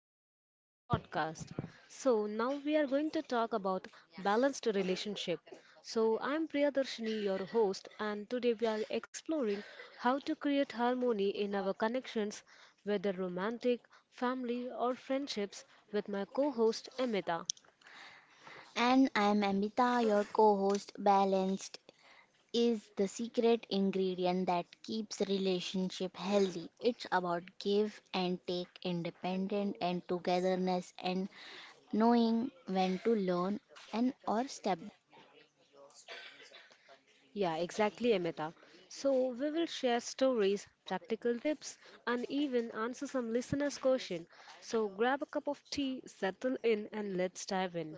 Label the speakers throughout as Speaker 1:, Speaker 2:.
Speaker 1: back to Priya's podcast. So now we are going to talk about balanced relationship. So I'm Priya Darshini, your host, and today we are exploring how to create harmony in our connections, whether romantic, family, or friendships, with my co-host Amita.
Speaker 2: And I'm Amita, your co host. Balanced is the secret ingredient that keeps relationship healthy. It's about give and take, independent and togetherness, and knowing when to learn and or step.
Speaker 1: Yeah, exactly, Amita. So we will share stories, practical tips, and even answer some listeners' question. So grab a cup of tea, settle in, and let's dive in.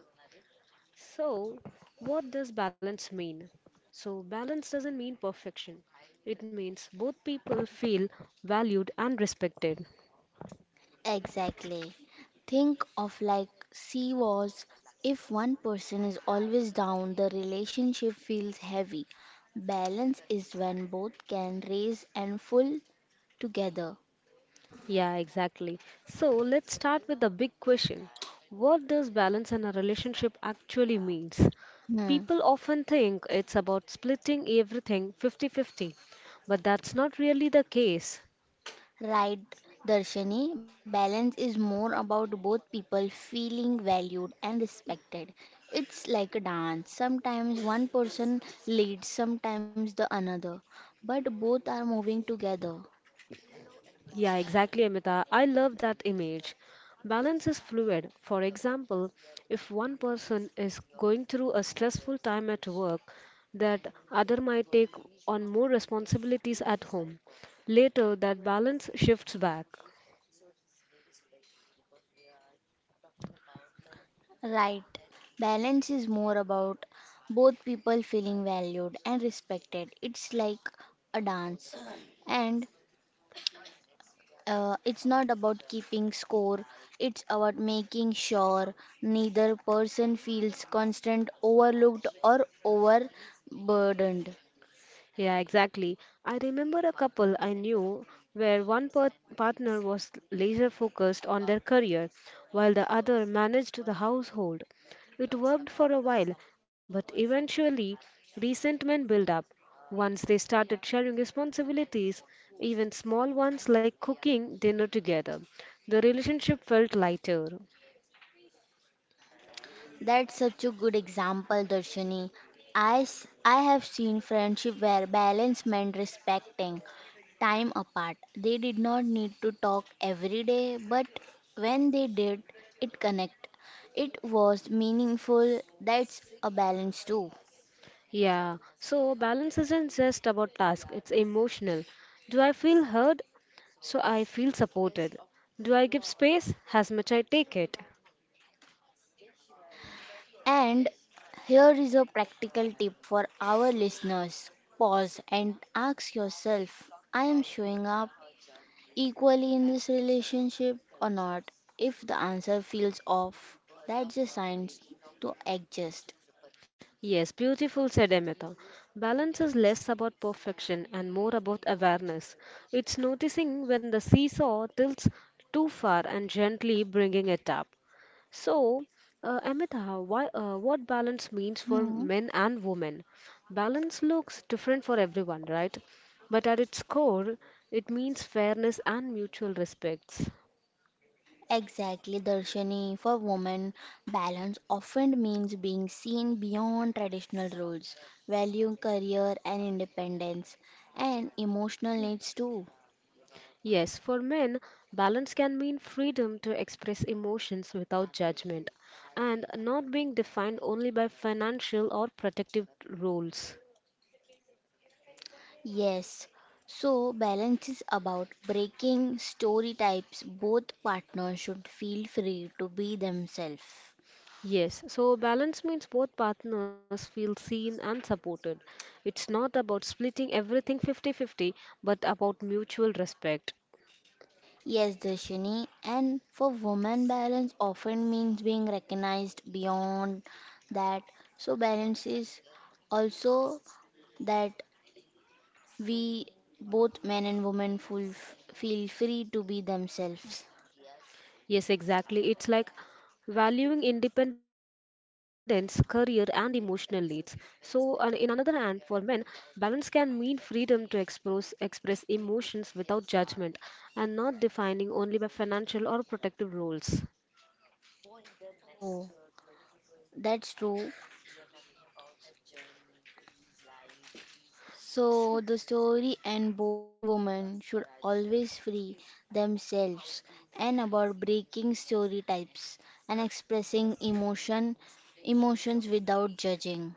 Speaker 1: So, what does balance mean? So, balance doesn't mean perfection. It means both people feel valued and respected.
Speaker 2: Exactly. Think of like sea was if one person is always down, the relationship feels heavy. Balance is when both can raise and full together.
Speaker 1: Yeah, exactly. So, let's start with the big question. What does balance in a relationship actually means?
Speaker 2: Hmm.
Speaker 1: People often think it's about splitting everything 50-50, but that's not really the case.
Speaker 2: Right, Darshani, balance is more about both people feeling valued and respected. It's like a dance. Sometimes one person leads, sometimes the another, but both are moving together.
Speaker 1: Yeah, exactly, Amita. I love that image. Balance is fluid. For example, if one person is going through a stressful time at work, that other might take on more responsibilities at home. Later, that balance shifts back.
Speaker 2: Right, balance is more about both people feeling valued and respected. It's like a dance. And It's not about keeping score, it's about making sure neither person feels constant overlooked or overburdened.
Speaker 1: Yeah, exactly. I remember a couple I knew where one partner was laser focused on their career while the other managed the household. It worked for a while, but eventually resentment built up. Once they started sharing responsibilities, even small ones like cooking dinner together, the relationship felt lighter.
Speaker 2: That's such a good example, Darshini. I have seen friendship where balance meant respecting time apart. They did not need to talk every day, but when they did, it connect. It was meaningful. That's a balance too.
Speaker 1: Yeah, so balance isn't just about task, it's emotional. Do I feel heard? So I feel supported. Do I give space? As much I take it.
Speaker 2: And here is a practical tip for our listeners, pause and ask yourself, I am showing up equally in this relationship or not? If the answer feels off, that's a sign to adjust.
Speaker 1: Yes, beautiful, said Emeta. Balance is less about perfection and more about awareness. It's noticing when the seesaw tilts too far and gently bringing it up. So, Amita, why, what balance means for
Speaker 2: Hmm.
Speaker 1: men and women? Balance looks different for everyone, right? But at its core, it means fairness and mutual respects.
Speaker 2: Exactly, Darshani. For women, balance often means being seen beyond traditional roles, valuing career and independence, and emotional needs too.
Speaker 1: Yes, for men, balance can mean freedom to express emotions without judgment and not being defined only by financial or protective roles.
Speaker 2: Yes, so balance is about breaking story types. Both partners should feel free to be themselves.
Speaker 1: Yes, so balance means both partners feel seen and supported. It's not about splitting everything 50/50, but about mutual respect.
Speaker 2: Yes, Darshini, and for women, balance often means being recognized beyond that. So, balance is also that we both men and women full, feel free to be themselves.
Speaker 1: Yes, exactly. It's like valuing independence, career, and emotional needs. So, on in another hand, for men, balance can mean freedom to express emotions without judgment and not defining only by financial or protective roles.
Speaker 2: Oh, that's true. So the story and both and women should always free themselves and about breaking stereotypes and expressing emotions without judging.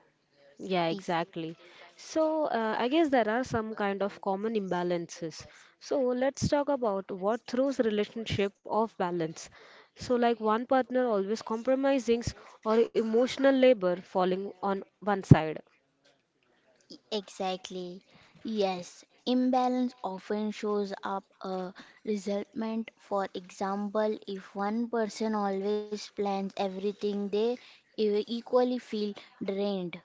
Speaker 1: Yeah,
Speaker 2: E-
Speaker 1: exactly. So, I guess there are some kind of common imbalances. So, let's talk about what throws relationship off balance. So, like one partner always compromising or emotional labor falling on one side.
Speaker 2: Exactly. Yes, imbalance often shows up a resentment. For example, if one person always plans everything, they equally feel drained.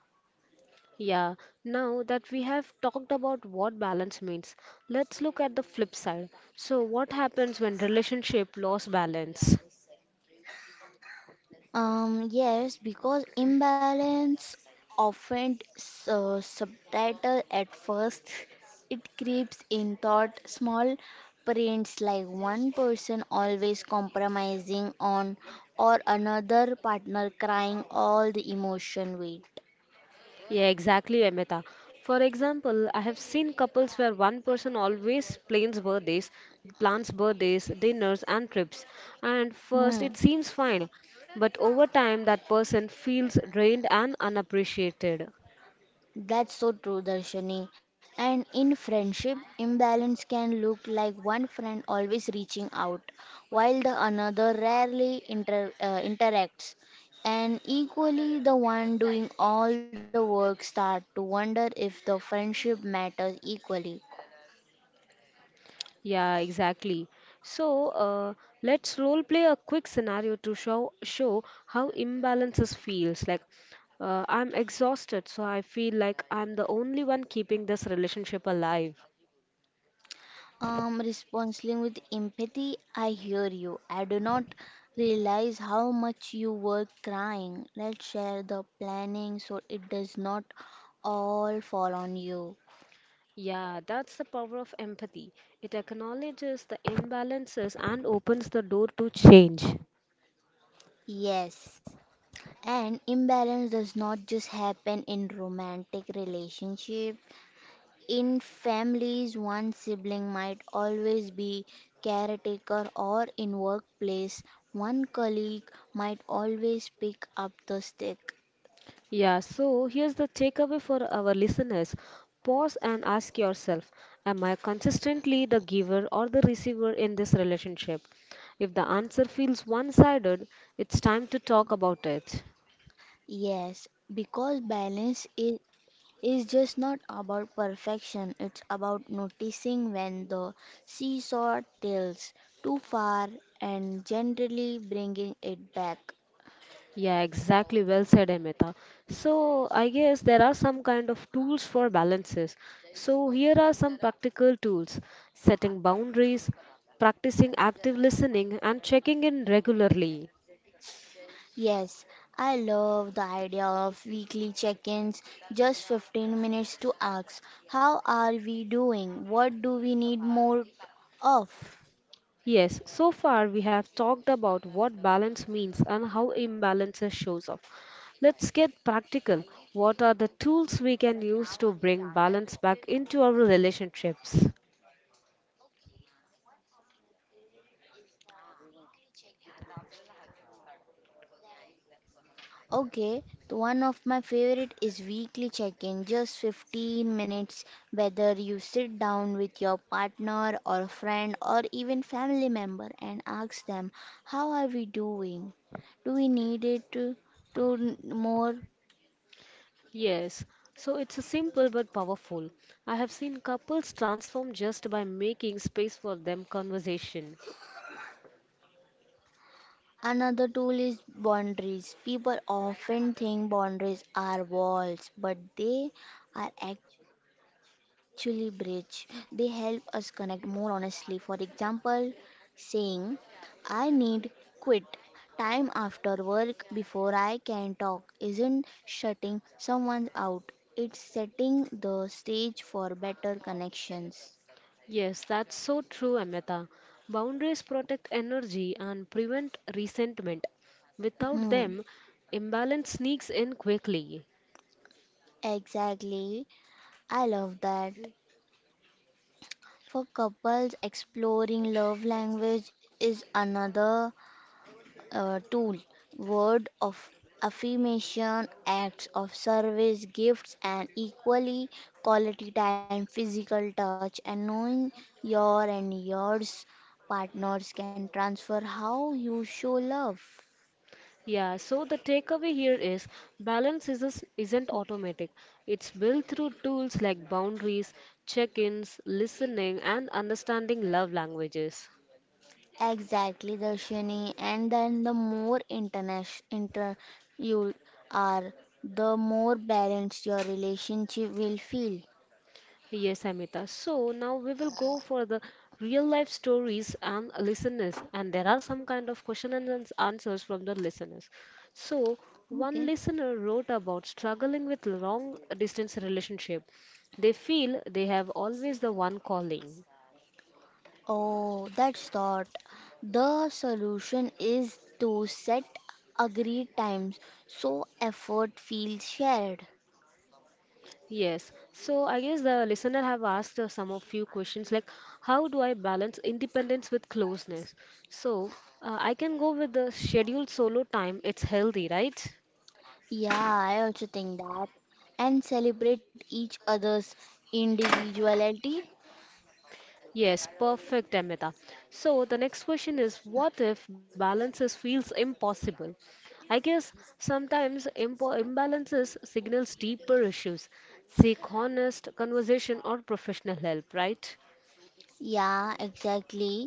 Speaker 1: Yeah, now that we have talked about what balance means, let's look at the flip side. So, what happens when relationship lost balance?
Speaker 2: Yes, because imbalance often subtitle at first, it creeps in thought small prints like one person always compromising on or another partner crying all the emotion weight.
Speaker 1: Yeah, exactly, Amita. For example, I have seen couples where one person always plans birthdays, dinners, and trips. And
Speaker 2: Hmm.
Speaker 1: first, it seems fine, but over time, that person feels drained and unappreciated.
Speaker 2: That's so true, Darshani. And in friendship, imbalance can look like one friend always reaching out, while the another rarely interacts. And equally, the one doing all the work start to wonder if the friendship matters equally.
Speaker 1: Yeah, exactly. So, let's role play a quick scenario to show how imbalances feels like. I'm exhausted, so I feel like I'm the only one keeping this relationship alive.
Speaker 2: Responsibly with empathy, I hear you. I do not realize how much you were crying. Let's share the planning so it does not all fall on you.
Speaker 1: Yeah, that's the power of empathy. It acknowledges the imbalances and opens the door to change.
Speaker 2: Yes. And imbalance does not just happen in romantic relationship. In families, one sibling might always be caretaker or in workplace, one colleague might always pick up the stick.
Speaker 1: Yeah, so here's the takeaway for our listeners. Pause and ask yourself: Am I consistently the giver or the receiver in this relationship? If the answer feels one sided, it's time to talk about it.
Speaker 2: Yes, because balance is just not about perfection, it's about noticing when the seesaw tilts too far and generally bringing it back.
Speaker 1: Yeah, exactly. Well said, Amita. So, I guess there are some kind of tools for balances. So, here are some practical tools: setting boundaries, practicing active listening, and checking in regularly.
Speaker 2: Yes, I love the idea of weekly check ins, just 15 minutes to ask, how are we doing? What do we need more of?
Speaker 1: Yes, so far we have talked about what balance means and how imbalances shows up. Let's get practical. What are the tools we can use to bring balance back into our relationships?
Speaker 2: Okay, the one of my favorite is weekly check-in, just 15 minutes, whether you sit down with your partner or friend or even family member and ask them, how are we doing? Do we need it to n- more?
Speaker 1: Yes, so it's a simple but powerful. I have seen couples transform just by making space for them conversation.
Speaker 2: Another tool is boundaries. People often think boundaries are walls, but they are actually bridge. They help us connect more honestly. For example, saying, I need quit time after work before I can talk isn't shutting someone out. It's setting the stage for better connections.
Speaker 1: Yes, that's so true, Amita. Boundaries protect energy and prevent resentment. Without
Speaker 2: Hmm,
Speaker 1: them, imbalance sneaks in quickly.
Speaker 2: exactly. I love that. For couples, exploring love language is another tool. Word of affirmation, acts of service, gifts, and equally quality time, physical touch, and knowing your and yours partners can transfer how you show love.
Speaker 1: Yeah, so the takeaway here is balance isn't automatic. It's built through tools like boundaries, check-ins, listening, and understanding love languages.
Speaker 2: Exactly, Darshini. And then the more inter you are, the more balanced your relationship will feel.
Speaker 1: Yes, Amita. So now we will go for the real life stories and listeners, and there are some kind of question and answers from the listeners. So one
Speaker 2: Okay.
Speaker 1: listener wrote about struggling with long distance relationship. They feel they have always the one calling.
Speaker 2: Oh, that's thought. The solution is to set agreed times so effort feels shared.
Speaker 1: Yes. So I guess the listener have asked some of few questions like how do I balance independence with closeness? So I can go with the scheduled solo time. It's healthy, right?
Speaker 2: Yeah, I also think that. And celebrate each other's individuality.
Speaker 1: Yes, perfect, Amita. So the next question is what if balances feels impossible? I guess sometimes imbalances signals deeper issues. Seek honest conversation or professional help, right?
Speaker 2: Yeah, exactly.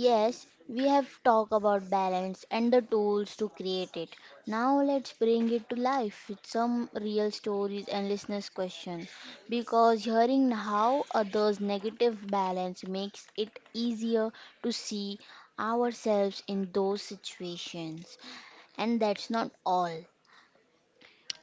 Speaker 2: Yes, we have talked about balance and the tools to create it. Now let's bring it to life with some real stories and listeners' questions. Because hearing how others' negative balance makes it easier to see ourselves in those situations. And that's not all.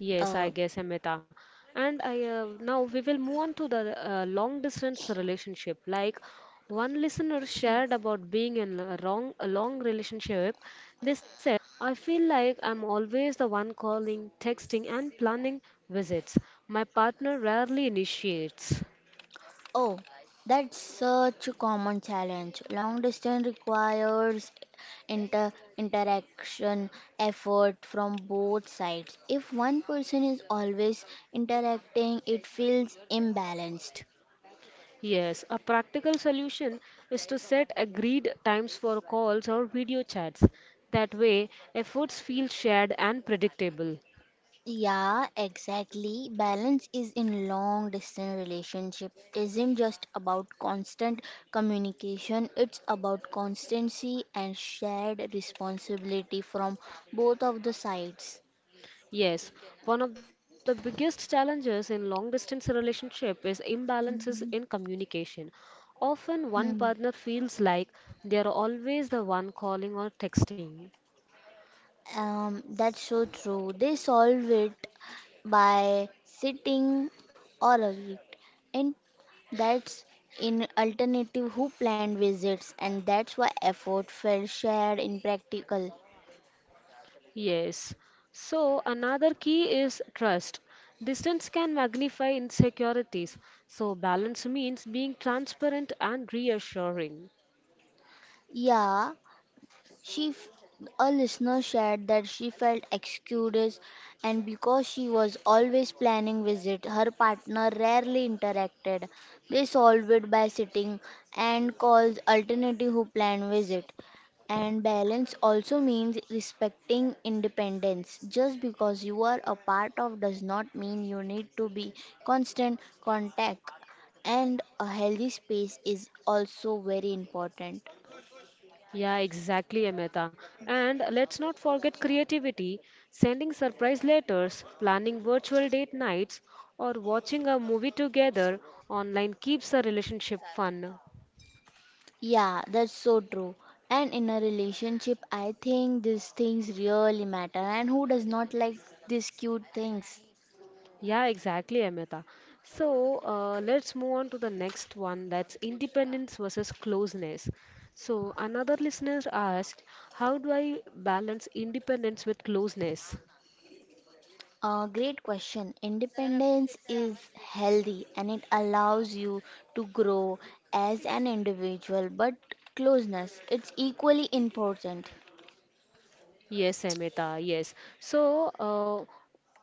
Speaker 1: Yes,
Speaker 2: Uh,
Speaker 1: I guess, Amita. And I now we will move on to the long distance relationship. Like one listener shared about being in a wrong a long relationship. They said, "I feel like I'm always the one calling, texting, and planning visits. My partner rarely initiates."
Speaker 2: Oh, that's such a common challenge. Long distance requires interaction effort from both sides. If one person is always interacting, it feels imbalanced.
Speaker 1: Yes, a practical solution is to set agreed times for calls or video chats. That way, efforts feel shared and predictable.
Speaker 2: Yeah, exactly. Balance is in long distance relationship isn't just about constant communication, it's about constancy and shared responsibility from both of the sides.
Speaker 1: Yes, one of the biggest challenges in long distance relationship is imbalances in communication. Often one
Speaker 2: Hmm.
Speaker 1: partner feels like they are always the one calling or texting.
Speaker 2: That's so true. They solve it by sitting or agreed. And that's in alternative who planned visits and that's why effort felt shared in practical.
Speaker 1: Yes. So another key is trust. Distance can magnify insecurities. So balance means being transparent and reassuring.
Speaker 2: Yeah, She, f- a listener shared that she felt excused, and because she was always planning visit, her partner rarely interacted. They solved it by sitting and calls alternative who plan visit. And balance also means respecting independence. Just because you are a part of does not mean you need to be constant contact. And a healthy space is also very important.
Speaker 1: Yeah, exactly, Amita. And let's not forget creativity, sending surprise letters, planning virtual date nights, or watching a movie together online keeps a relationship fun.
Speaker 2: Yeah, that's so true. And in a relationship, I think these things really matter. And who does not like these cute things?
Speaker 1: Yeah, exactly, Amita. So let's move on to the next one that's independence versus closeness. So another listener asked, how do I balance independence with closeness?
Speaker 2: A great question. Independence is healthy and it allows you to grow as an individual, but closeness it's equally important.
Speaker 1: Yes, Amita, yes. So, uh,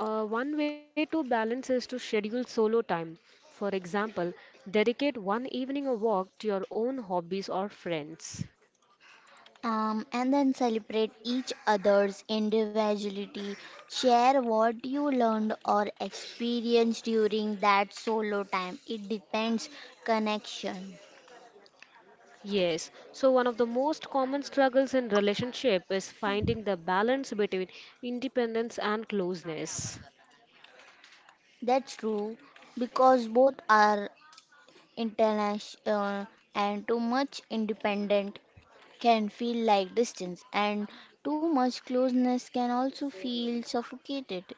Speaker 1: uh, one way to balance is to schedule solo time. For example, dedicate one evening a walk to your own hobbies or friends.
Speaker 2: And then celebrate each other's individuality. Share what you learned or experienced during that solo time. It depends connection.
Speaker 1: Yes, so one of the most common struggles in relationship is finding the balance between independence and closeness.
Speaker 2: That's true because both are international and too much independent can feel like distance and too much closeness can also feel suffocated.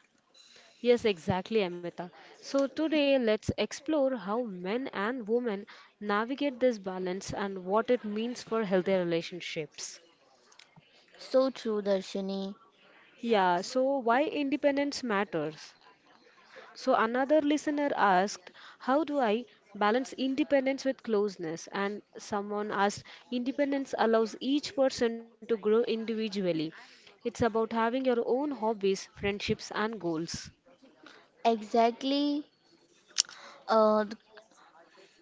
Speaker 1: Yes, exactly, Amita. So today let's explore how men and women navigate this balance and what it means for healthy relationships.
Speaker 2: So true, Darshini.
Speaker 1: Yeah, so why independence matters? So another listener asked, how do I balance independence with closeness? And someone asked, independence allows each person to grow individually. It's about having your own hobbies, friendships, and goals.
Speaker 2: Exactly. Uh,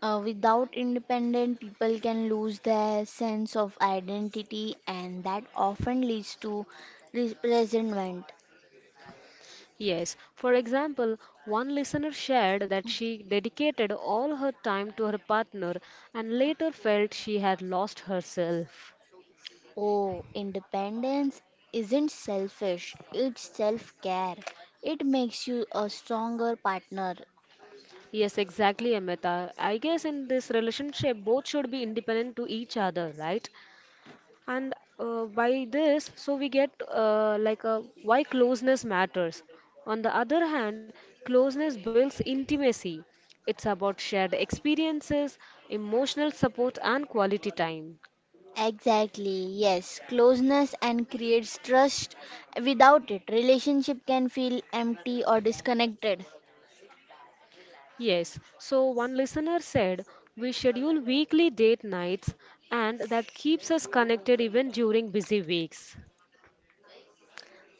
Speaker 2: Without independent people can lose their sense of identity and that often leads to resentment.
Speaker 1: Yes, for example, one listener shared that she dedicated all her time to her partner and later felt she had lost herself.
Speaker 2: Oh, independence isn't selfish, it's self-care. It makes you a stronger partner.
Speaker 1: Yes, exactly, Amrita. I guess in this relationship, both should be independent to each other, right? And by this, so we get like a why closeness matters. On the other hand, closeness builds intimacy. It's about shared experiences, emotional support, and quality time.
Speaker 2: Exactly, yes. Closeness and creates trust. Without it, relationship can feel empty or disconnected.
Speaker 1: Yes, so one listener said we schedule weekly date nights, and that keeps us connected even during busy weeks.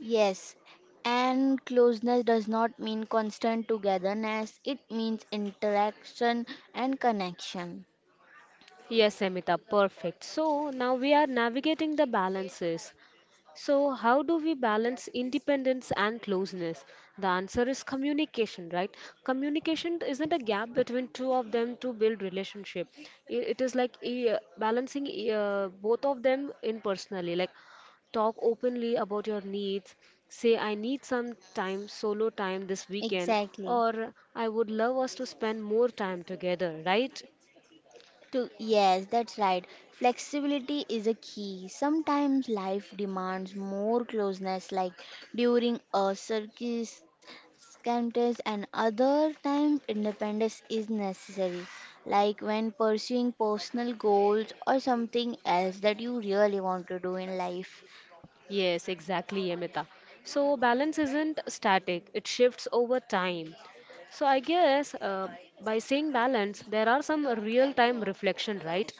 Speaker 2: Yes, and closeness does not mean constant togetherness, it means interaction and connection.
Speaker 1: Yes, Amita, perfect. So now we are navigating the balances. So, how do we balance independence and closeness? The answer is communication, right? Communication isn't a gap between two of them to build relationship. It is like balancing both of them in personally, like talk openly about your needs. Say, I need some time, solo time this weekend,
Speaker 2: Exactly.
Speaker 1: or I would love us to spend more time together, right?
Speaker 2: Yes, that's right. Flexibility is a key. Sometimes life demands more closeness, like during a circus contest, and other times independence is necessary, like when pursuing personal goals or something else that you really want to do in life.
Speaker 1: Yes, exactly, Amita. So balance isn't static, it shifts over time. So I guess by saying balance, there are some real-time reflection, right?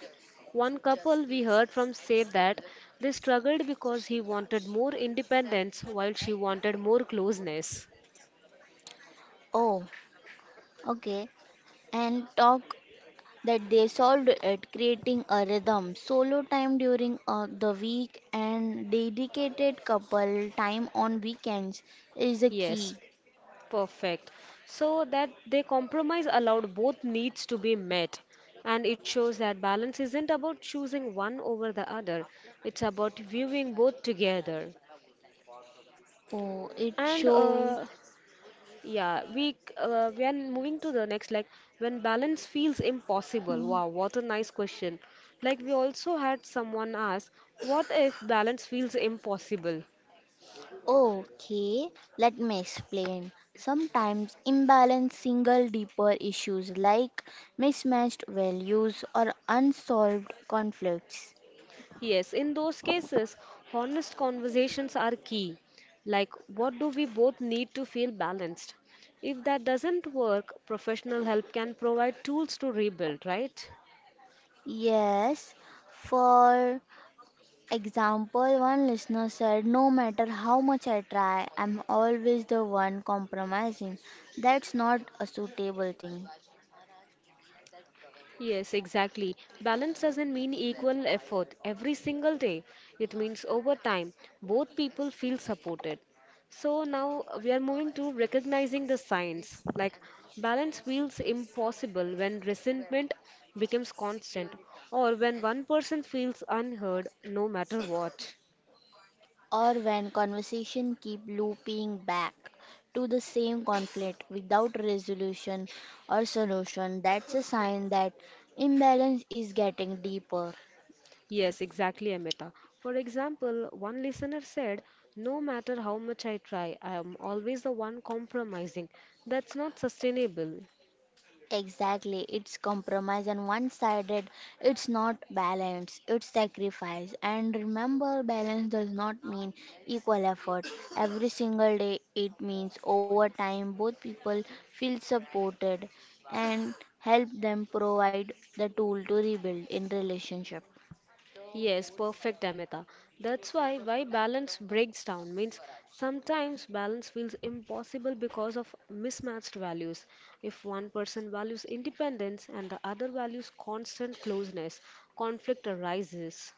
Speaker 1: One couple we heard from said that they struggled because he wanted more independence while she wanted more closeness.
Speaker 2: Oh, okay, and talk that they solved it, creating a rhythm, solo time during the week, and dedicated couple time on weekends is a
Speaker 1: Yes.
Speaker 2: key.
Speaker 1: Perfect. So that they compromise allowed both needs to be met. And it shows that balance isn't about choosing one over the other, it's about viewing both together.
Speaker 2: Oh,
Speaker 1: And
Speaker 2: it shows.
Speaker 1: yeah, we are moving to the next like when balance feels impossible.
Speaker 2: Hmm.
Speaker 1: Wow, what a nice question. Like we also had someone ask, what if balance feels impossible?
Speaker 2: Okay, let me explain. Sometimes imbalance single deeper issues like mismatched values or unsolved conflicts.
Speaker 1: Yes, in those cases, honest conversations are key. Like, what do we both need to feel balanced? If that doesn't work, professional help can provide tools to rebuild, right?
Speaker 2: Yes, for example, one listener said, no matter how much I try, I'm always the one compromising. That's not a suitable thing.
Speaker 1: Yes, exactly. Balance doesn't mean equal effort every single day. It means over time, both people feel supported. So now we are moving to recognizing the signs. Like balance feels impossible when resentment becomes constant or when one person feels unheard no matter what.
Speaker 2: Or when conversation keep looping back to the same conflict without resolution or solution, that's a sign that imbalance is getting deeper.
Speaker 1: Yes, exactly, Amita. For example, one listener said, no matter how much I try, I am always the one compromising. That's not sustainable.
Speaker 2: Exactly, it's compromise and one sided, it's not balance, it's sacrifice. And remember, balance does not mean equal effort. Every single day, it means over time, both people feel supported and help them provide the tool to rebuild in relationship.
Speaker 1: Yes, perfect, Amita. That's why balance breaks down means sometimes balance feels impossible because of mismatched values. If one person values independence and the other values constant closeness, conflict arises.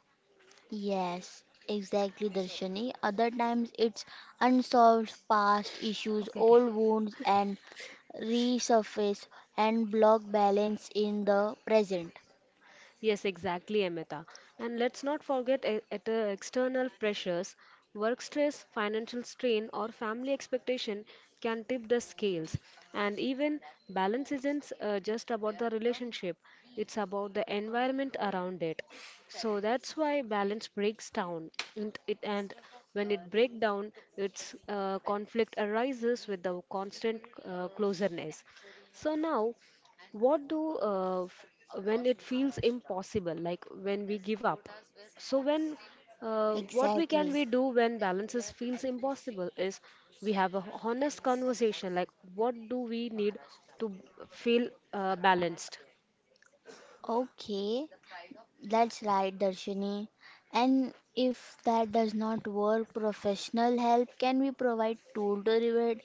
Speaker 2: Yes, exactly, Darshani. Other times it's unsolved past issues,
Speaker 1: Okay, okay.
Speaker 2: old wounds, and resurface and block balance in the present.
Speaker 1: Yes, exactly, Amita. And let's not forget external pressures. Work stress, financial strain, or family expectation can tip the scales. And even balance isn't just about the relationship, it's about the environment around it. So that's why balance breaks down. And, when it breaks down, its conflict arises with the constant closeness. So now what do uh, f- when it feels impossible, like when we give up? So when what we can
Speaker 2: Exactly.
Speaker 1: we do when balances feels impossible is we have a honest conversation like what do we need to b- feel balanced?
Speaker 2: Okay, that's right, Darshini. And if that does not work, professional help can be provide tool to revert.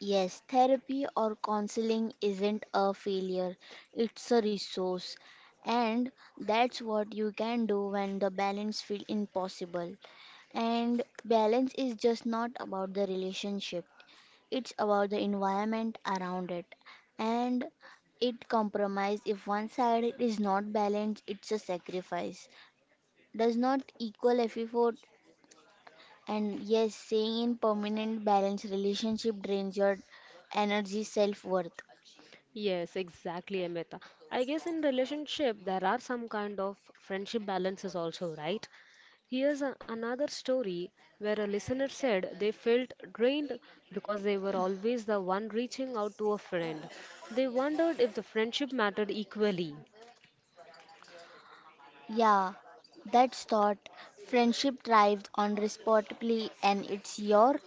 Speaker 2: Yes, therapy or counseling isn't a failure, it's a resource. And that's what you can do when the balance feels impossible. And balance is just not about the relationship, it's about the environment around it. And it compromise if one side is not balanced, it's a sacrifice. Does not equal effort and yes, staying in permanent balance relationship drains your energy self-worth.
Speaker 1: Yes, exactly, Amita. I guess in relationship there are some kind of friendship balances also, right? Here's another story where a listener said they felt drained because they were always the one reaching out to a friend. They wondered if the friendship mattered equally.
Speaker 2: Yeah, that's thought. Friendship thrived on responsibly and it's your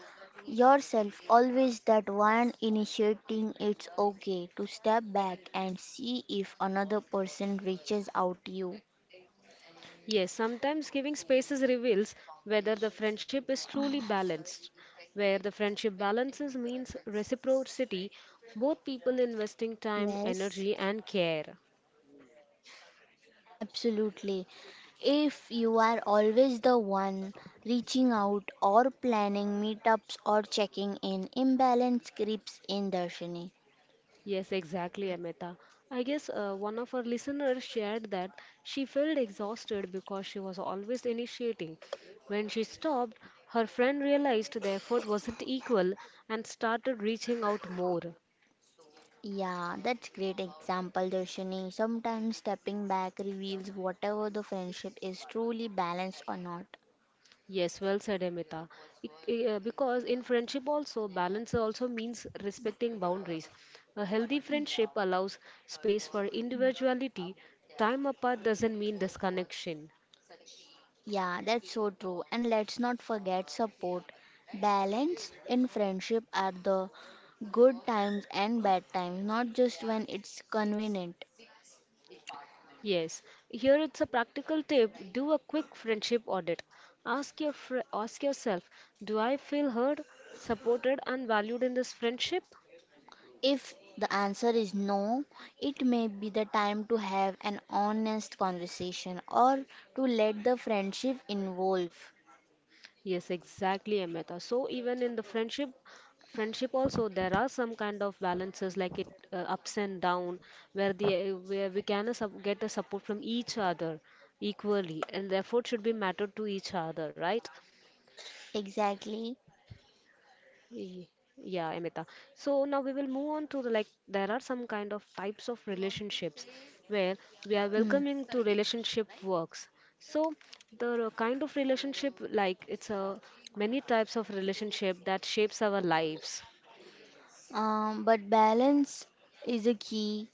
Speaker 2: yourself always that one initiating it's okay to step back and see if another person reaches out to you.
Speaker 1: Yes, sometimes giving spaces reveals whether the friendship is truly balanced. Where the friendship balances means reciprocity, both people investing time,
Speaker 2: Yes,
Speaker 1: energy, and care.
Speaker 2: absolutely. If you are always the one reaching out or planning meetups or checking in, imbalance creeps in, Darshini.
Speaker 1: Yes, exactly, Amita. I guess one of our listeners shared that she felt exhausted because she was always initiating. When she stopped, her friend realized the effort wasn't equal and started reaching out more.
Speaker 2: Yeah, that's great example, Darshini. Sometimes stepping back reveals whatever the friendship is truly balanced or not.
Speaker 1: Yes, well said, Amita. Because in friendship also, balance also means respecting boundaries. A healthy friendship allows space for individuality. Time apart doesn't mean disconnection.
Speaker 2: Yeah, that's so true. And let's not forget support. Balance in friendship are the good times and bad times, not just when it's convenient.
Speaker 1: Yes, here it's a practical tip. Do a quick friendship audit. Ask yourself, do I feel heard, supported and valued in this friendship?
Speaker 2: If the answer is no, it may be the time to have an honest conversation or to let the friendship evolve.
Speaker 1: Yes, exactly, Amita. So even in the friendship also there are some kind of balances like it ups and down where we can get a support from each other equally and the effort should be mattered to each other, right?
Speaker 2: Exactly.
Speaker 1: Y- Yeah, Amita. So now we will move on like there are some kind of types of relationships where we are
Speaker 2: Mm.
Speaker 1: welcoming to relationship works. So the kind of relationship like it's a many types of relationship that shapes our lives.
Speaker 2: But balance is a key,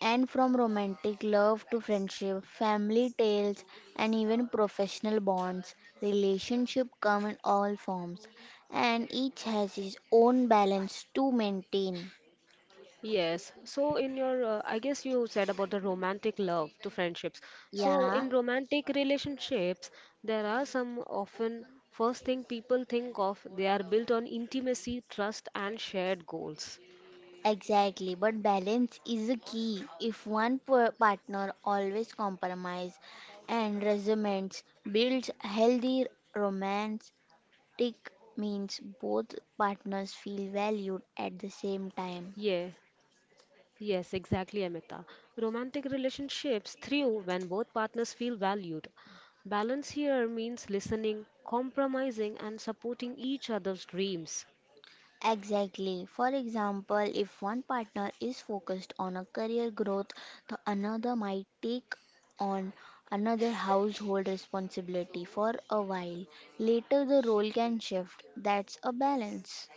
Speaker 2: and from romantic love to friendship, family tales, and even professional bonds, relationship come in all forms, and each has its own balance to maintain.
Speaker 1: Yes. So I guess you said about the romantic love to friendships. So
Speaker 2: Yeah.
Speaker 1: in romantic relationships, there are some often first thing people think of, they are built on intimacy, trust, and shared goals.
Speaker 2: Exactly, but balance is a key. If one per- partner always compromise and resentments builds healthy romance, tick means both partners feel valued at the same time.
Speaker 1: Yeah. Yes, exactly, Amita. Romantic relationships thrive when both partners feel valued. Balance here means listening, compromising, and supporting each other's dreams.
Speaker 2: Exactly. For example, if one partner is focused on a career growth, the another might take on another household responsibility for a while. Later, the role can shift. That's a balance.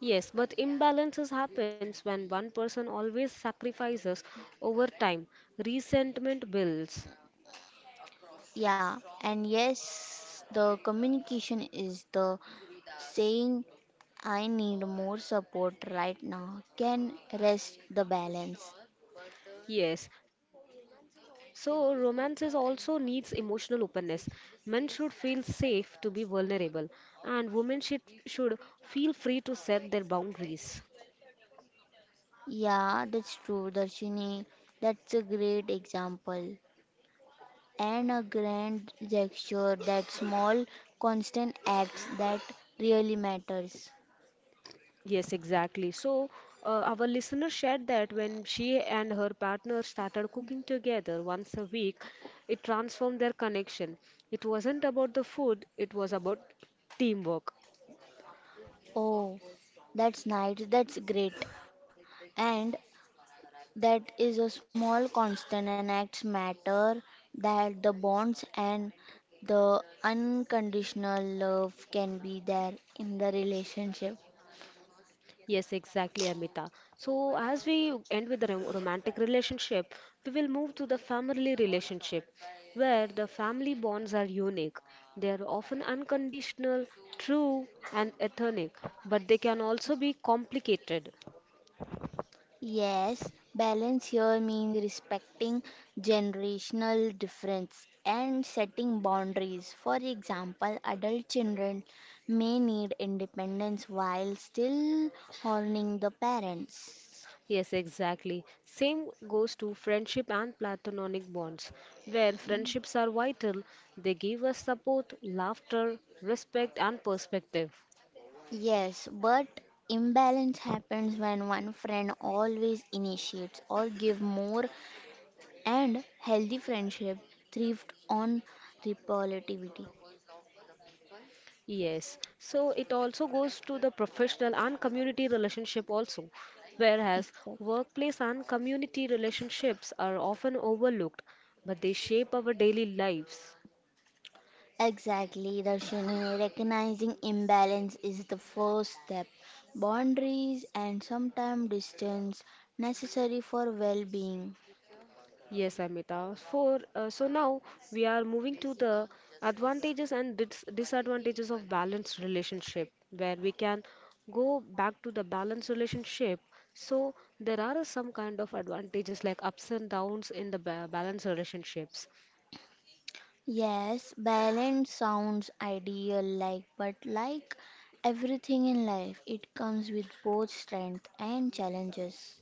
Speaker 1: Yes, but imbalances happens when one person always sacrifices over time. Resentment builds.
Speaker 2: Yeah, and yes, the communication is the saying, I need more support right now, can rest the balance.
Speaker 1: Yes, so romances also needs emotional openness. Men should feel safe to be vulnerable, and women should feel free to set their boundaries.
Speaker 2: Yeah, that's true, Darshini. That's a great example. And a grand gesture, that small, constant acts that really matters.
Speaker 1: Yes, exactly. So, our listener shared that when she and her partner started cooking together once a week, it transformed their connection. It wasn't about the food, it was about teamwork.
Speaker 2: Oh, that's nice, that's great. And that is a small constant and acts matter that the bonds and the unconditional love can be there in the relationship.
Speaker 1: Yes, exactly, Amita. So, as we end with the romantic relationship, we will move to the family relationship, where the family bonds are unique. They are often unconditional, true, and ethnic, but they can also be complicated.
Speaker 2: Yes, balance here means respecting generational difference and setting boundaries. For example, adult children may need independence while still honoring the parents.
Speaker 1: Yes, exactly. Same goes to friendship and platonic bonds, where friendships are vital. They give us support, laughter, respect, and perspective.
Speaker 2: Yes, but imbalance happens when one friend always initiates or give more and healthy friendship thrived on repolativity.
Speaker 1: Yes, so it also goes to the professional and community relationship also, whereas
Speaker 2: Exactly.
Speaker 1: workplace and community relationships are often overlooked, but they shape our daily lives.
Speaker 2: Exactly, Darshini. Recognizing imbalance is the first step. Boundaries and sometimes distance necessary for well-being.
Speaker 1: Yes, Amita. For So now we are moving to the advantages and disadvantages of balanced relationship, where we can go back to the balanced relationship. So there are some kind of advantages like ups and downs in the ba balanced relationships.
Speaker 2: Yes, balance sounds ideal like but like everything in life it comes with both strength and challenges.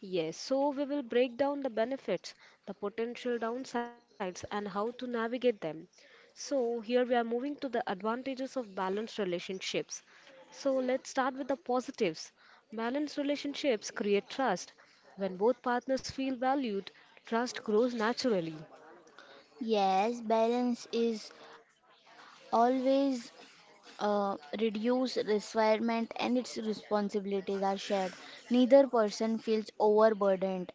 Speaker 1: Yes, so we will break down the benefits, the potential downsides, and how to navigate them. So, here we are moving to the advantages of balanced relationships. So, let's start with the positives. Balanced relationships create trust. When both partners feel valued, trust grows naturally.
Speaker 2: Yes, balance is always uh, reduce requirement and its responsibilities are shared. Neither person feels overburdened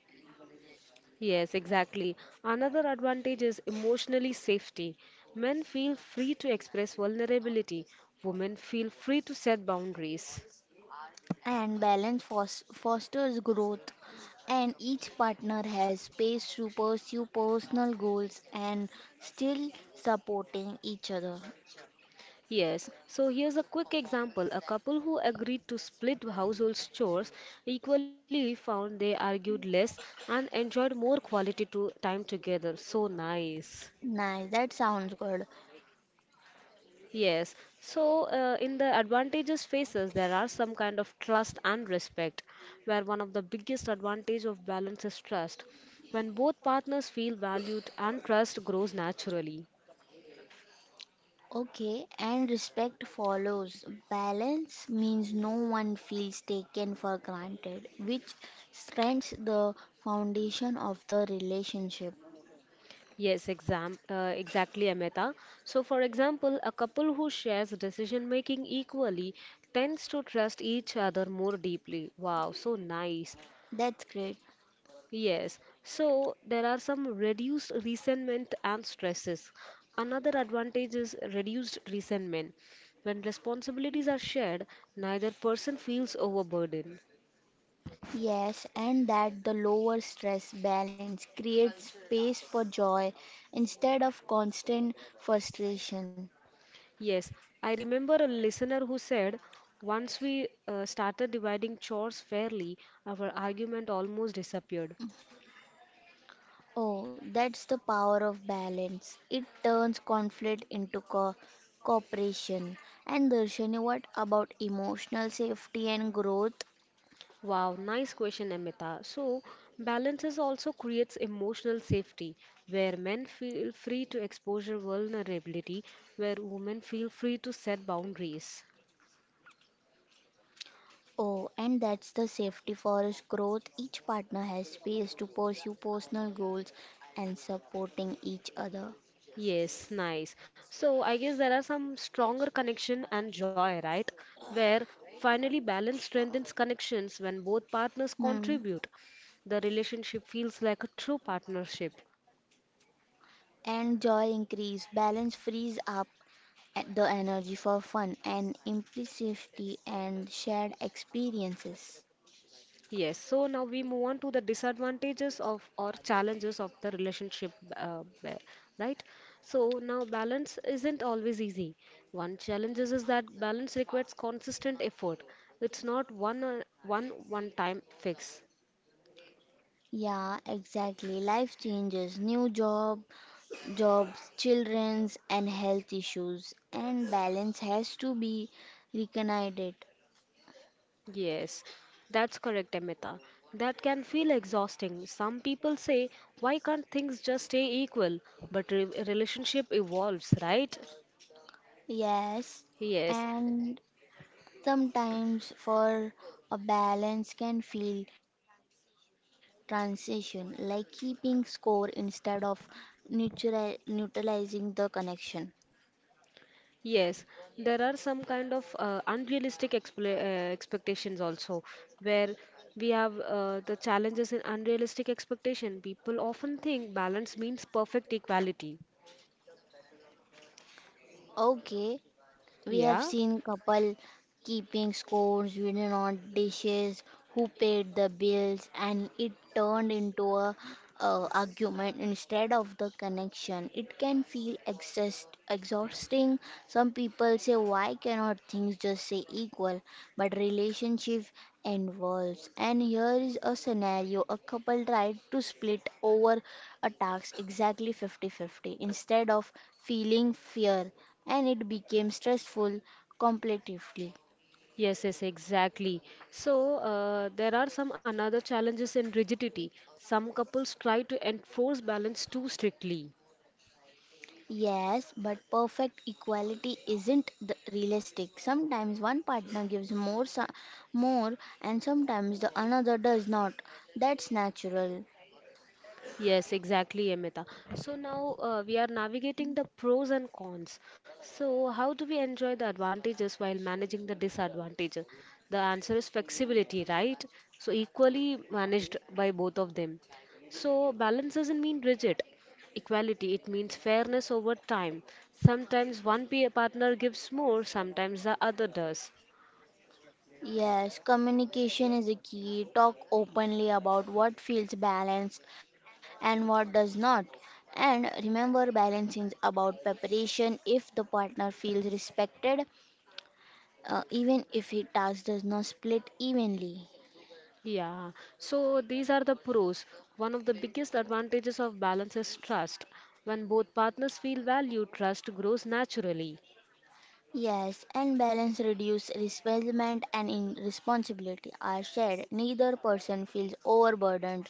Speaker 1: Yes, exactly. Another advantage is emotionally safety. Men feel free to express vulnerability, women feel free to set boundaries.
Speaker 2: and balance fosters growth and each partner has space to pursue personal goals and still supporting each other.
Speaker 1: Yes, so here's a quick example. A couple who agreed to split household chores equally found they argued less and enjoyed more quality to time together. So nice.
Speaker 2: Nice, that sounds good.
Speaker 1: Yes, so in the advantages phases, there are some kind of trust and respect, where one of the biggest advantage of balance is trust. When both partners feel valued and trust grows naturally.
Speaker 2: Okay, and respect follows. Balance means no one feels taken for granted, which strengthens the foundation of the relationship.
Speaker 1: Yes, exactly, Amita. So, for example, a couple who shares decision making equally tends to trust each other more deeply. Wow, so nice.
Speaker 2: That's great.
Speaker 1: Yes. So, there are some reduced resentment and stresses. Another advantage is reduced resentment. When responsibilities are shared, neither person feels overburdened.
Speaker 2: Yes, and that the lower stress balance creates space for joy instead of constant frustration.
Speaker 1: Yes, I remember a listener who said, once we started dividing chores fairly, our argument almost disappeared.
Speaker 2: Oh, that's the power of balance. It turns conflict into cooperation. And Darshani, what about emotional safety and growth?
Speaker 1: Wow, nice question, Amita. So, balances also creates emotional safety, where men feel free to expose their vulnerability, where women feel free to set boundaries.
Speaker 2: Oh, and that's the safety forest growth. Each partner has space to pursue personal goals and supporting each other.
Speaker 1: Yes, nice. So I guess there are some stronger connection and joy, right? Where finally balance strengthens connections when both partners
Speaker 2: Hmm.
Speaker 1: contribute. The relationship feels like a true partnership.
Speaker 2: And joy increase. Balance frees up at the energy for fun and implicity and shared experiences.
Speaker 1: Yes, so now we move on to the disadvantages of or challenges of the relationship, uh, ba- right? So now balance isn't always easy. One challenge is that balance requires consistent effort. It's not one time fix.
Speaker 2: Yeah, exactly. Life changes, new job, jobs, children's and health issues and balance has to be reunited.
Speaker 1: Yes, that's correct, Amita. That can feel exhausting. Some people say, why can't things just stay equal? But re relationship evolves, right?
Speaker 2: Yes.
Speaker 1: Yes,
Speaker 2: And sometimes for a balance can feel transition, like keeping score instead of neutralizing the connection.
Speaker 1: yes. There are some kind of unrealistic expla expectations also, where we have the challenges in unrealistic expectation. People often think balance means perfect equality.
Speaker 2: Okay, we have
Speaker 1: Yeah.
Speaker 2: seen couple keeping scores, we do not dishes, who paid the bills, and it turned into a argument instead of the connection. It can feel exhausting. Some people say, "Why cannot things just say equal?" But relationship involves. And here is a scenario, a couple tried to split over a task exactly 50-50 instead of feeling fear, and it became stressful competitively.
Speaker 1: Yes, yes, exactly. So there are some another challenges in rigidity. Some couples try to enforce balance too strictly.
Speaker 2: Yes, but perfect equality isn't the realistic. Sometimes one partner gives more, more, and sometimes the another does not. That's natural.
Speaker 1: Yes, exactly, Amita. So now we are navigating the pros and cons. So, how do we enjoy the advantages while managing the disadvantages? The answer is flexibility, right? So, equally managed by both of them. So, balance doesn't mean rigid equality, it means fairness over time. Sometimes one peer partner gives more, sometimes the other does.
Speaker 2: Yes, communication is a key. Talk openly about what feels balanced and what does not. And remember, balance is about preparation. If the partner feels respected, even if his task does not split evenly.
Speaker 1: Yeah, so these are the pros. One of the biggest advantages of balance is trust. When both partners feel valued, trust grows naturally.
Speaker 2: Yes, and balance reduce resentment and in responsibility are shared. Neither person feels overburdened,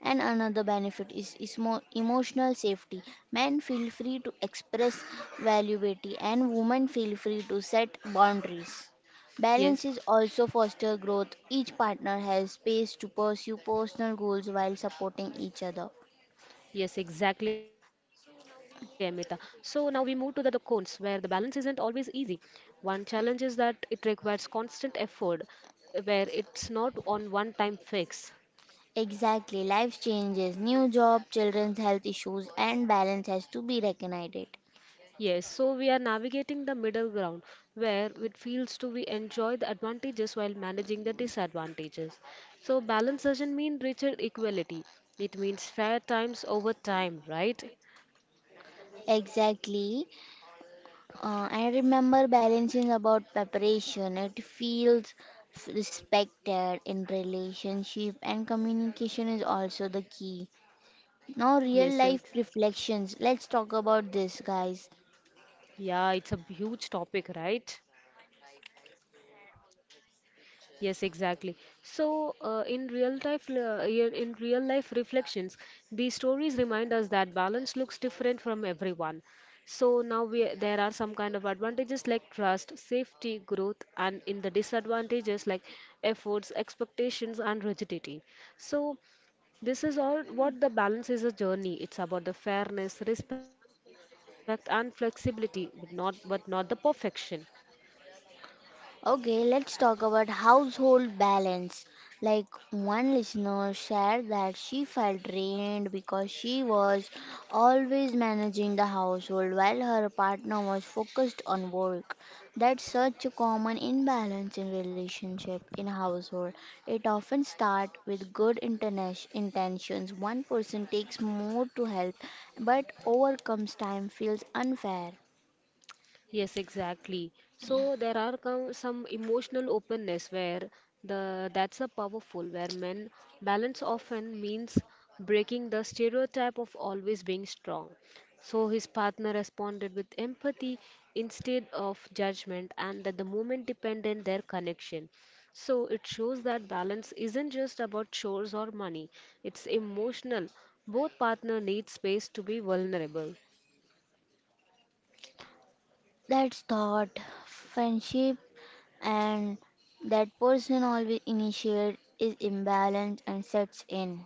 Speaker 2: and another benefit is emotional safety. Men feel free to express valuability, and women feel free to set boundaries. Balance
Speaker 1: Yes,
Speaker 2: is also foster growth. Each partner has space to pursue personal goals while supporting each other.
Speaker 1: yes, exactly, Amita. So now we move to the cons, where the balance isn't always easy. One challenge is that it requires constant effort, where it's not on one time fix.
Speaker 2: Exactly, life changes, new job, children's health issues, and balance has to be recognized.
Speaker 1: Yes, so we are navigating the middle ground where it feels to we enjoy the advantages while managing the disadvantages. So balance doesn't mean richer equality. It means fair times over time, right?
Speaker 2: Exactly. I remember balancing about preparation. It feels respected in relationship and communication is also the key. Now
Speaker 1: Yes,
Speaker 2: real life reflections. Let's talk about this guys.
Speaker 1: yeah, it's a huge topic, right? Yes, exactly. So, in real life reflections, these stories remind us that balance looks different from everyone. So now we there are some kind of advantages like trust, safety, growth, and in the disadvantages like efforts, expectations, and rigidity. So this is all what the balance is a journey. It's about the fairness, respect, and flexibility, but not the perfection.
Speaker 2: Okay, let's talk about household balance. Like one listener shared that she felt drained because she was always managing the household while her partner was focused on work. That's such a common imbalance in relationship in household. It often starts with good intentions. One person takes more to help, but overcomes time feels unfair.
Speaker 1: Yes, exactly. So there are some emotional openness where the that's a powerful where men balance often means breaking the stereotype of always being strong. So his partner responded with empathy instead of judgment and that the moment dependent their connection. So it shows that balance isn't just about chores or money. It's emotional. Both partner need space to be vulnerable.
Speaker 2: That's thought. Friendship and that person always initiate is imbalance and sets in.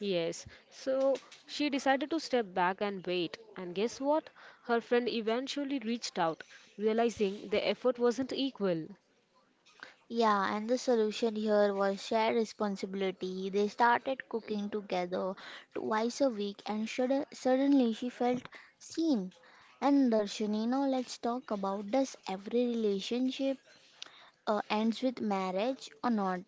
Speaker 1: Yes, so she decided to step back and wait. And guess what? Her friend eventually reached out, realizing the effort wasn't equal.
Speaker 2: Yeah, and the solution here was shared responsibility. They started cooking together twice a week, and suddenly she felt seen. And Darshini, now let's talk about, does every relationship ends with marriage or not?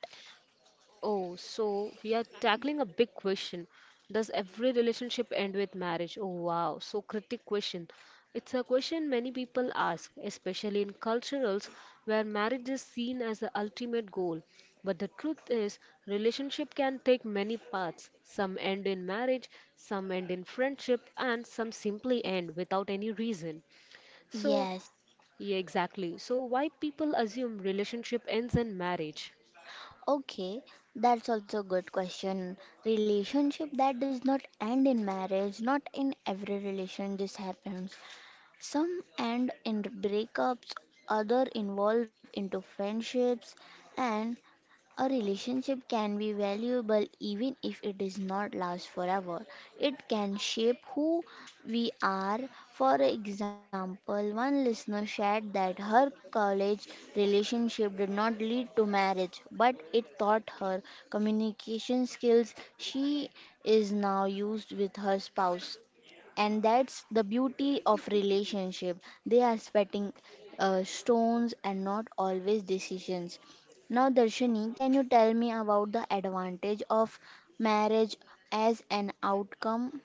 Speaker 1: Oh, so we are tackling a big question. Does every relationship end with marriage? Oh, wow. So, critic question. It's a question many people ask, especially in cultures where marriage is seen as the ultimate goal. But the truth is, relationship can take many paths. Some end in marriage, some end in friendship, and some simply end without any reason. So,
Speaker 2: Yes.
Speaker 1: yeah, exactly. So, why people assume relationship ends in marriage?
Speaker 2: Okay, that's also a good question. Relationship that does not end in marriage, not in every relation this happens. Some end in breakups, other involve into friendships and a relationship can be valuable even if it does not last forever. It can shape who we are. For example, one listener shared that her college relationship did not lead to marriage, but it taught her communication skills she is now used with her spouse. And that's the beauty of relationship, they are spitting stones and not always decisions. Now Darshini, can you tell me about the advantage of marriage as an outcome?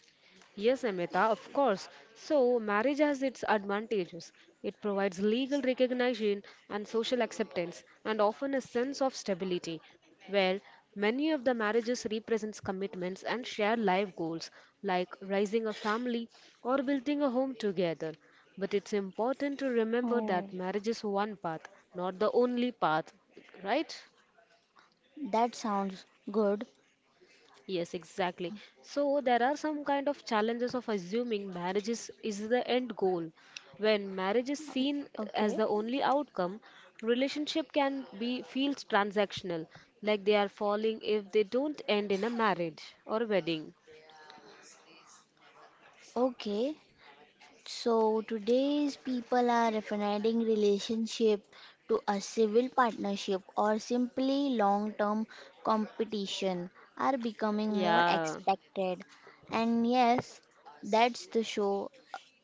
Speaker 1: Yes, Amita, of course. So, marriage has its advantages. It provides legal recognition and social acceptance and often a sense of stability, where many of the marriages represents commitments and shared life goals like raising a family or building a home together. But it's important to remember that
Speaker 2: Oh,
Speaker 1: marriage is one path, not the only path, right?
Speaker 2: that sounds good.
Speaker 1: Yes, exactly. So there are some kind of challenges of assuming marriage is the end goal. When marriage is
Speaker 2: Okay.
Speaker 1: seen
Speaker 2: Okay,
Speaker 1: as the only outcome, relationship can be feels transactional, like they are falling if they don't end in a marriage or wedding.
Speaker 2: okay. So today's people are refining relationship to a civil partnership or simply long-term competition are becoming more
Speaker 1: Yeah.
Speaker 2: expected. And yes, that's the show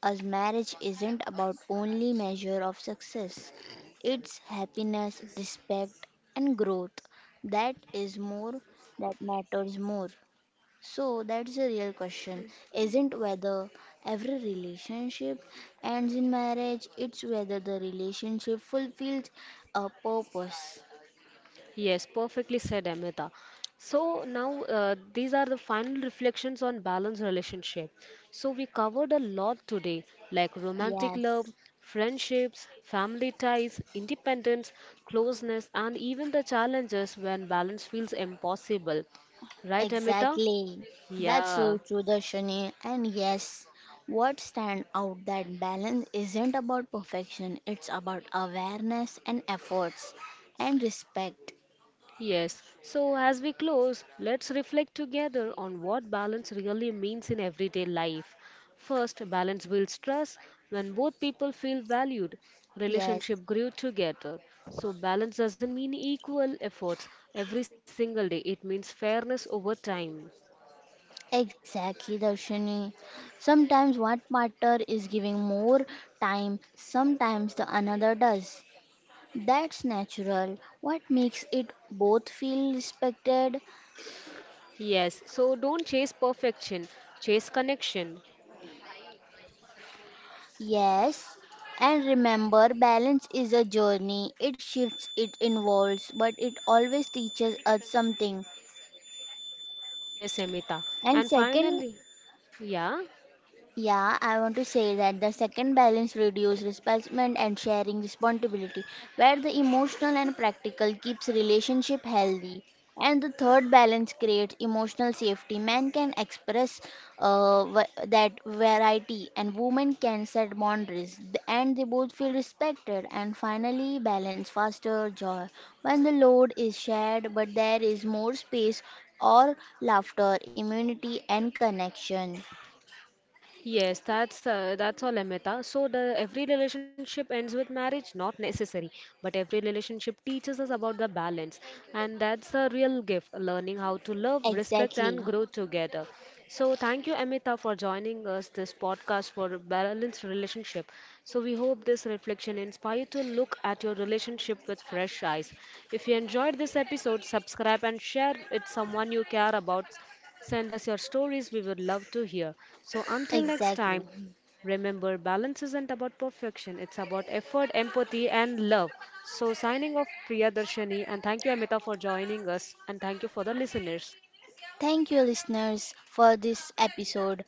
Speaker 2: as marriage isn't about only measure of success. It's happiness, respect and growth. That is more, that matters more. So that's the real question. Isn't whether every relationship ends in marriage, it's whether the relationship fulfills a purpose.
Speaker 1: Yes, perfectly said, Amita. So now these are the final reflections on balanced relationship. So we covered a lot today, like romantic love,
Speaker 2: Yes,
Speaker 1: friendships, family ties, independence, closeness, and even the challenges when balance feels impossible. Right, Amita?
Speaker 2: exactly. That's so
Speaker 1: Yeah.
Speaker 2: true, Darshani. And yes, what stand out that balance isn't about perfection, it's about awareness and efforts and respect.
Speaker 1: Yes, so as we close, let's reflect together on what balance really means in everyday life. First, balance builds trust. When both people feel valued,
Speaker 2: Yes.
Speaker 1: relationship grew together. So balance doesn't mean equal efforts every single day. It means fairness over time.
Speaker 2: Exactly, Darshini. Sometimes one partner is giving more time, sometimes the another does. That's natural. What makes it both feel respected?
Speaker 1: Yes, so don't chase perfection, chase connection.
Speaker 2: Yes. And remember, balance is a journey. It shifts, it involves, but it always teaches us something.
Speaker 1: Yes, Amita.
Speaker 2: And
Speaker 1: And
Speaker 2: second,
Speaker 1: finally, yeah.
Speaker 2: yeah, I want to say that the second balance reduces resentment and sharing responsibility, where the emotional and practical keeps relationship healthy. And the third balance creates emotional safety. Men can express that variety, and women can set boundaries, and they both feel respected. And finally, balance faster joy when the load is shared, but there is more space or laughter, immunity, and connection.
Speaker 1: Yes, that's all, Amita. So the every relationship ends with marriage, not necessary, but every relationship teaches us about the balance, and that's the real gift, learning how to love, respect,
Speaker 2: Exactly.
Speaker 1: and grow together. So thank you, Amita, for joining us this podcast for balanced relationship. So we hope this reflection inspired you to look at your relationship with fresh eyes. If you enjoyed this episode, subscribe and share it someone you care about. Send us your stories, we would love to hear. So until next
Speaker 2: Exactly.
Speaker 1: time, remember balance isn't about perfection, it's about effort, empathy, and love. So signing off, Priya Darshani, and thank you, Amita, for joining us, and thank you for the listeners.
Speaker 2: Thank you, listeners, for this episode.